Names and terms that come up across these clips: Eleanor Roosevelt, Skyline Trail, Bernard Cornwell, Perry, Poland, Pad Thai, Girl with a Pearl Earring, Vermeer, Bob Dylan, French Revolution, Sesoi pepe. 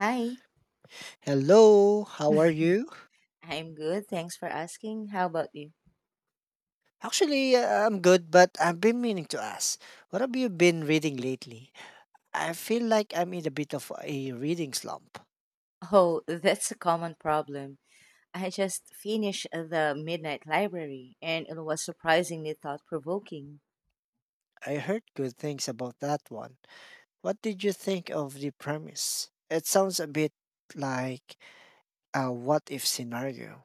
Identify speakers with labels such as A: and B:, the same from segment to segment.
A: Hi,
B: Hello, how are you?
A: I'm good. Thanks for asking. How about you?
B: Actually, I'm good, but I've been meaning to ask, what have you been reading lately? I feel like I'm in a bit of a reading slump.
A: Oh, that's a common problem. I just finished The Midnight Library and it was surprisingly thought provoking.
B: I heard good things about that one. What did you think of the premise? It sounds a bit like a what if scenario.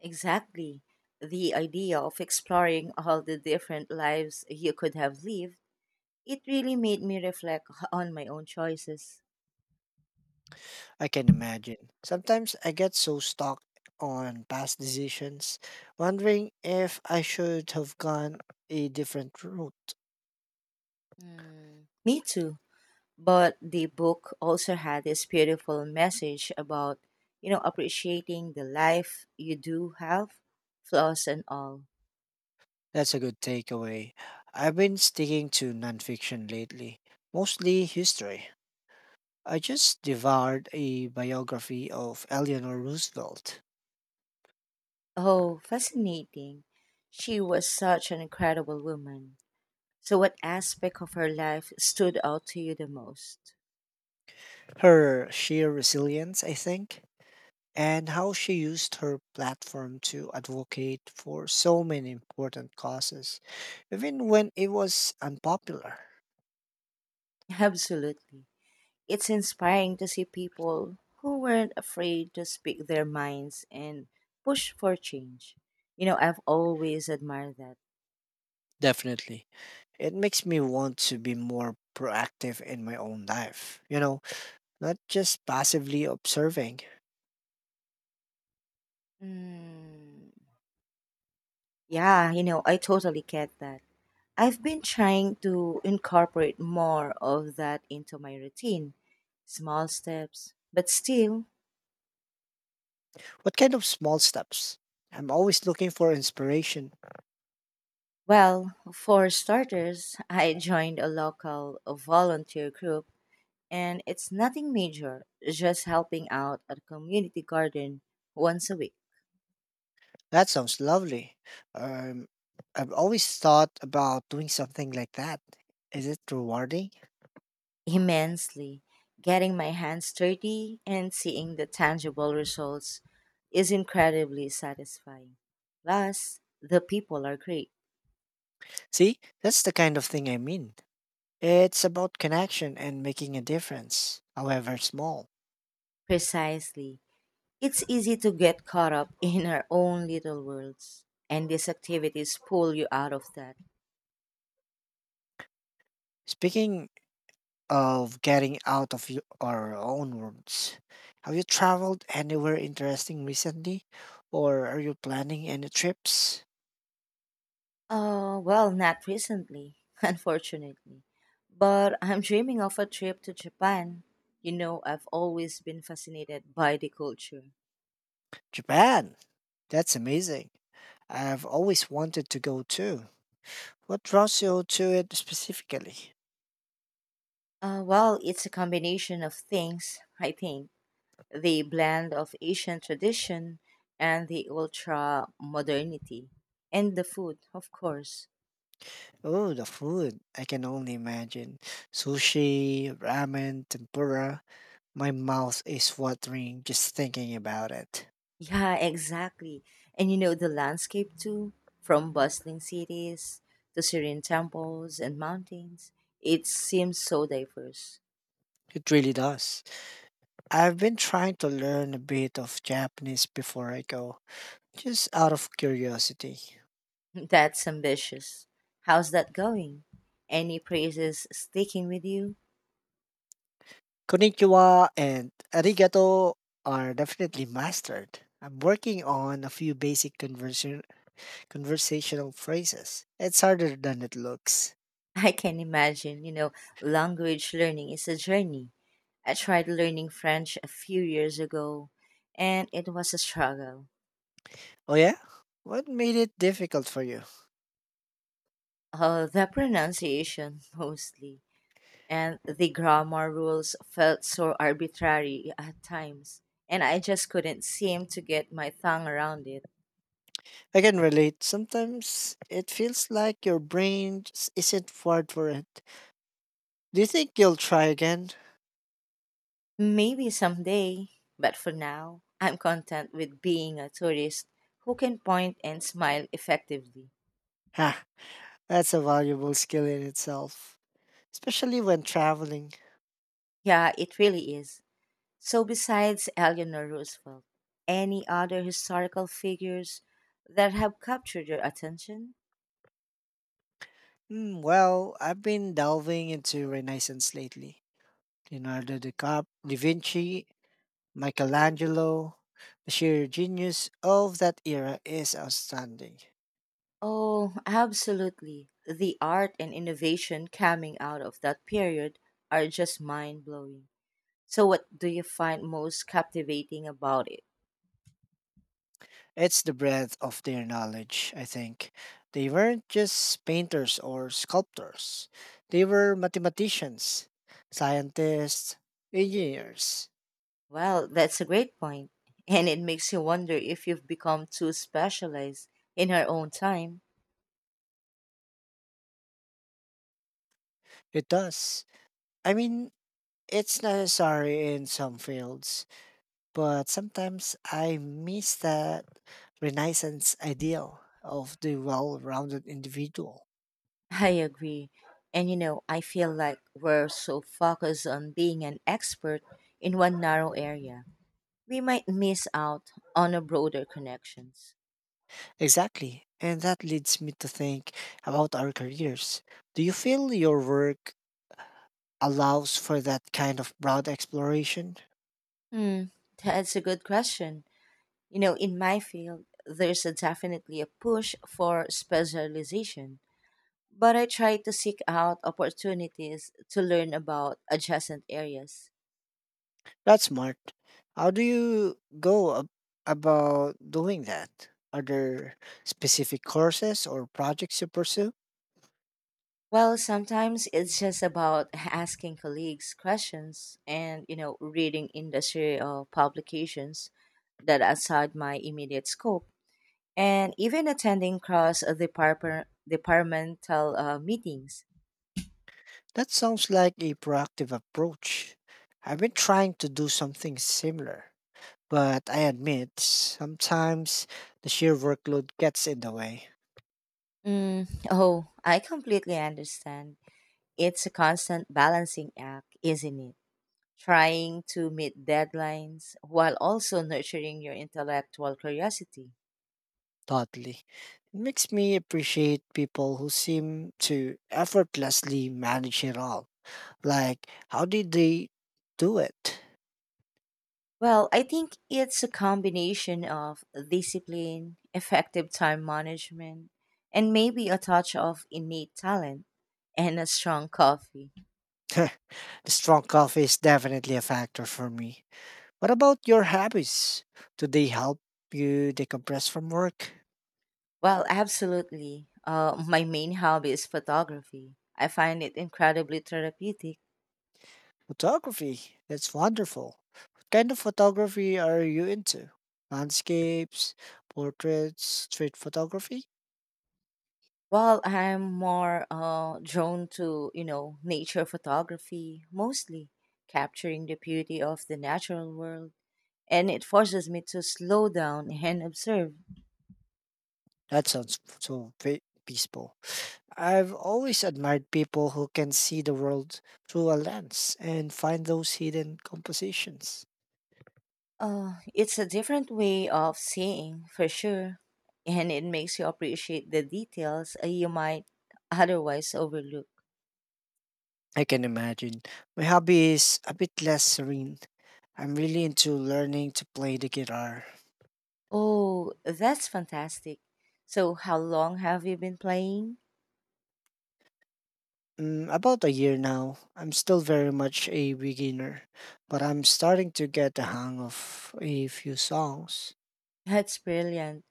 A: Exactly. The idea of exploring all the different lives you could have lived, it really made me reflect on my own choices.
B: I can imagine. Sometimes I get so stuck on past decisions, wondering if I should have gone a different route.
A: Hmm. Me too. But the book also had this beautiful message about appreciating the life you do have, flaws and all.
B: That's a good takeaway. I've been sticking to nonfiction lately, mostly history. I just devoured a biography of Eleanor Roosevelt.
A: Oh, fascinating. She was such an incredible woman. So what aspect of her life stood out to you the most?
B: Her sheer resilience, I think, and how she used her platform to advocate for so many important causes, even when it was unpopular.
A: Absolutely. It's inspiring to see people who weren't afraid to speak their minds and push for change. I've always admired that.
B: Definitely. It makes me want to be more proactive in my own life, you know, not just passively observing.
A: Mm. Yeah, I totally get that. I've been trying to incorporate more of that into my routine, small steps. But still,
B: What kind of small steps? I'm always looking for inspiration.
A: well, for starters, I joined a local volunteer group, and it's nothing major, just helping out at a community garden once a week.
B: That sounds lovely. Um, I've always thought about doing something like that. Is it rewarding?
A: Immensely. Getting my hands dirty and seeing the tangible results is incredibly satisfying. Plus, the people are great.
B: See, that's the kind of thing I mean. It's about connection and making a difference, however small.
A: Precisely. It's easy to get caught up in our own little worlds, and these activities pull you out of that.
B: Speaking of getting out of your, our own rooms. Have you traveled anywhere interesting recently? Or are you planning any trips?
A: Oh, well, not recently, unfortunately. But I'm dreaming of a trip to Japan. I've always been fascinated by the culture.
B: Japan! That's amazing. I've always wanted to go too. What draws you to it specifically?
A: Well, it's a combination of things, I think. The blend of Asian tradition and the ultra modernity. And the food, of course.
B: Oh, the food. I can only imagine. Sushi, ramen, tempura. My mouth is watering just thinking about it.
A: Yeah, exactly. And the landscape too, from bustling cities to serene temples and mountains. It seems so diverse.
B: It really does. I've been trying to learn a bit of Japanese before I go. Just out of curiosity,
A: That's ambitious. How's that going? Any praises sticking with you?
B: konnichiwa and arigato are definitely mastered. I'm working on a few conversational phrases. It's harder than it looks.
A: I can imagine, language learning is a journey. I tried learning French a few years ago and it was a struggle.
B: Oh, yeah? What made it difficult for you?
A: The pronunciation mostly, and the grammar rules felt so arbitrary at times, and I just couldn't seem to get my tongue around it.
B: I can relate. Sometimes it feels like your brain just isn't wired for it. Do you think you'll try again?
A: Maybe someday, but for now, I'm content with being a tourist who can point and smile effectively.
B: Ha, that's a valuable skill in itself, especially when traveling.
A: Yeah, it really is. So, besides Eleanor Roosevelt, any other historical figures that have captured your attention?
B: Mm, well, I've been delving into Renaissance lately. Da Vinci, Michelangelo, the sheer genius of that era is outstanding.
A: Oh, absolutely. The art and innovation coming out of that period are just mind blowing. So, what do you find most captivating about it?
B: It's the breadth of their knowledge, I think. They weren't just painters or sculptors, they were mathematicians, scientists, engineers.
A: Well, that's a great point, and it makes you wonder if you've become too specialized in our own time.
B: It does. I mean, it's necessary in some fields. But sometimes I miss that Renaissance ideal of the well rounded individual.
A: I agree. And I feel like we're so focused on being an expert in one narrow area, we might miss out on a broader connections.
B: Exactly. And that leads me to think about our careers. Do you feel your work allows for that kind of broad exploration?
A: Hmm, that's a good question. In my field, there's a definitely a push for specialization, but I try to seek out opportunities to learn about adjacent areas.
B: That's smart. How do you go ab- about doing that? Are there specific courses or projects you pursue?
A: Well, sometimes it's just about asking colleagues questions and, reading industry or publications that are outside my immediate scope, and even attending departmental meetings.
B: That sounds like a proactive approach. I've been trying to do something similar, but I admit sometimes the sheer workload gets in the way.
A: Mm, oh, I completely understand. It's a constant balancing act, isn't it? Trying to meet deadlines while also nurturing your intellectual curiosity.
B: Totally. It makes me appreciate people who seem to effortlessly manage it all. Like, how did they do it?
A: Well, I think it's a combination of discipline, effective time management, and maybe a touch of innate talent and a strong coffee.
B: The strong coffee is definitely a factor for me. What about your hobbies? Do they help you decompress from work?
A: Well, absolutely. My main hobby is photography. I find it incredibly therapeutic.
B: Photography. That's wonderful. What kind of photography are you into? Landscapes, portraits, street photography?
A: Well, I'm more drawn to, nature photography, mostly capturing the beauty of the natural world, and it forces me to slow down and observe.
B: That sounds f- so pe- peaceful. I've always admired people who can see the world through a lens and find those hidden compositions.
A: It's a different way of seeing, for sure, and it makes you appreciate the details you might otherwise overlook.
B: I can imagine. My hobby is a bit less serene. I'm really into learning to play the guitar.
A: Oh, that's fantastic. So, how long have you been playing?
B: Mm, about a year now. I'm still very much a beginner, but I'm starting to get the hang of a few songs.
A: That's brilliant.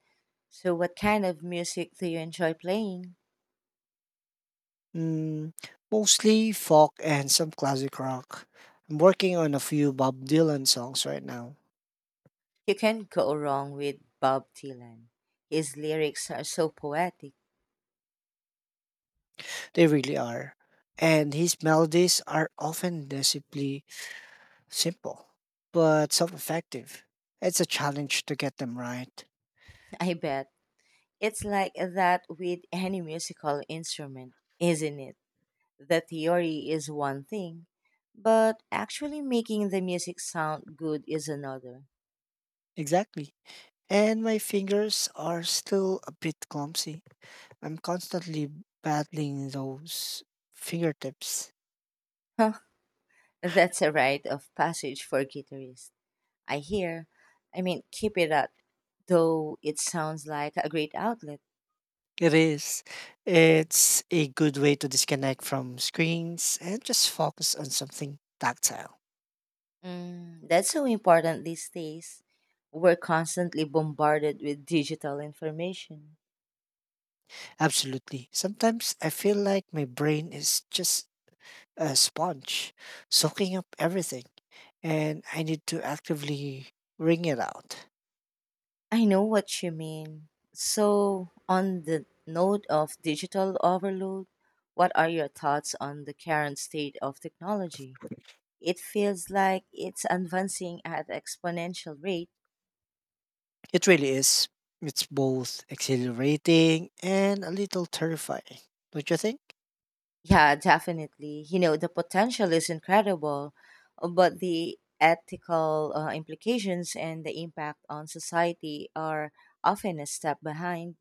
A: So, what kind of music do you enjoy playing?
B: Mm, mostly folk and some classic rock. I'm working on a few Bob Dylan songs right now.
A: You can't go wrong with Bob Dylan. His lyrics are so poetic.
B: They really are. And his melodies are often deceptively simple, but so effective. It's a challenge to get them right.
A: I bet. It's like that with any musical instrument, isn't it? The theory is one thing, but actually making the music sound good is another.
B: Exactly. And my fingers are still a bit clumsy. I'm constantly battling those fingertips.
A: Huh, that's a rite of passage for guitarists. I hear. I mean, keep it up, though it sounds like a great outlet.
B: It is. It's a good way to disconnect from screens and just focus on something tactile.
A: Mm, that's so important these days. We're constantly bombarded with digital information.
B: Absolutely. Sometimes I feel like my brain is just a sponge, soaking up everything, and I need to actively wring it out.
A: I know what you mean. So, on the note of digital overload, what are your thoughts on the current state of technology? It feels like it's advancing at exponential rate.
B: It really is. It's both exhilarating and a little terrifying, don't you think?
A: Yeah, definitely. The potential is incredible, but the ethical implications and the impact on society are often a step behind.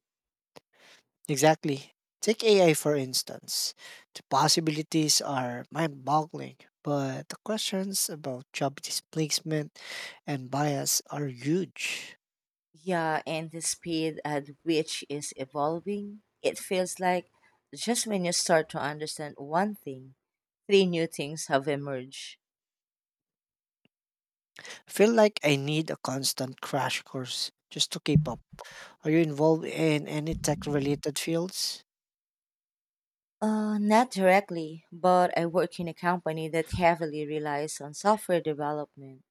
B: Exactly. Take AI for instance. The possibilities are mind boggling, but the questions about job displacement and bias are huge.
A: Yeah, and the speed at which is evolving, it feels like just when you start to understand one thing, three new things have emerged.
B: I feel like I need a constant crash course just to keep up. Are you involved in any tech related fields?
A: Not directly, but I work in a company that heavily relies on software development,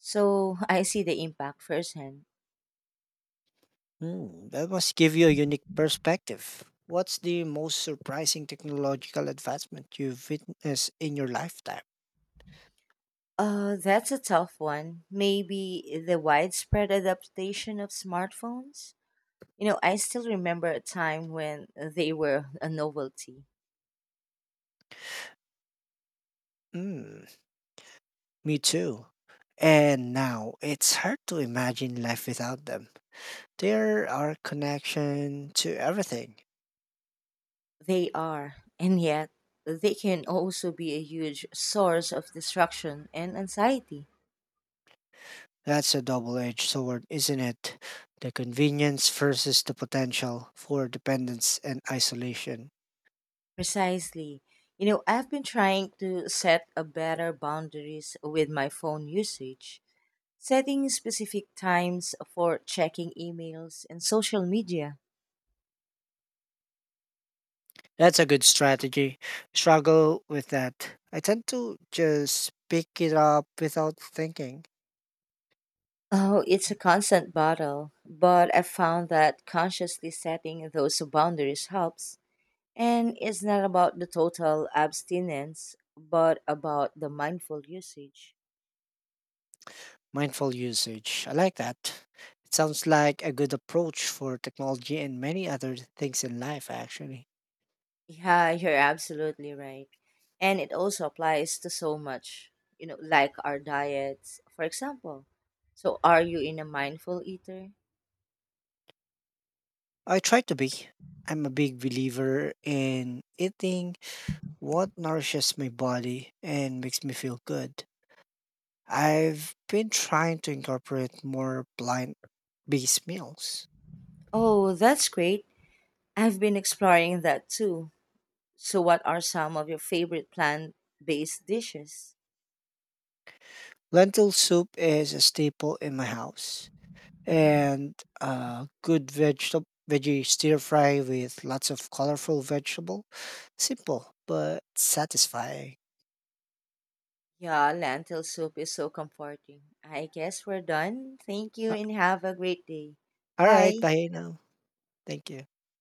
A: so I see the impact firsthand.
B: Hmm, that must give you a unique perspective. What's the most surprising technological advancement you've witnessed in your lifetime?
A: That's a tough one. Maybe the widespread adaptation of smartphones? I still remember a time when they were a novelty.
B: Hmm. Me too. And now it's hard to imagine life without them. They are our connection to everything.
A: They are, and yet they can also be a huge source of distraction and anxiety.
B: That's a double edged sword, isn't it? The convenience versus the potential for dependence and isolation.
A: Precisely. I've been trying to set a better boundaries with my phone usage, setting specific times for checking emails and social media.
B: That's a good strategy. Struggle with that. I tend to just pick it up without thinking.
A: Oh, it's a constant battle, but I found that consciously setting those boundaries helps. And it's not about the total abstinence, but about the mindful usage.
B: Mindful usage. I like that. It sounds like a good approach for technology and many other things in life, actually.
A: Yeah, you're absolutely right. And it also applies to so much, like our diets, for example. So, are you in a mindful eater?
B: I try to be. I'm a big believer in eating what nourishes my body and makes me feel good. I've been trying to incorporate more plant based meals.
A: Oh, that's great. I've been exploring that too. So, what are some of your favorite plant based dishes?
B: Lentil soup is a staple in my house, and a good vegetable veggie stir fry with lots of colorful vegetable. Simple but satisfying.
A: Yeah, lentil soup is so comforting. I guess we're done. Thank you
B: A-
A: and have a great day.
B: All right,
A: Bye.
B: bye now. Thank you.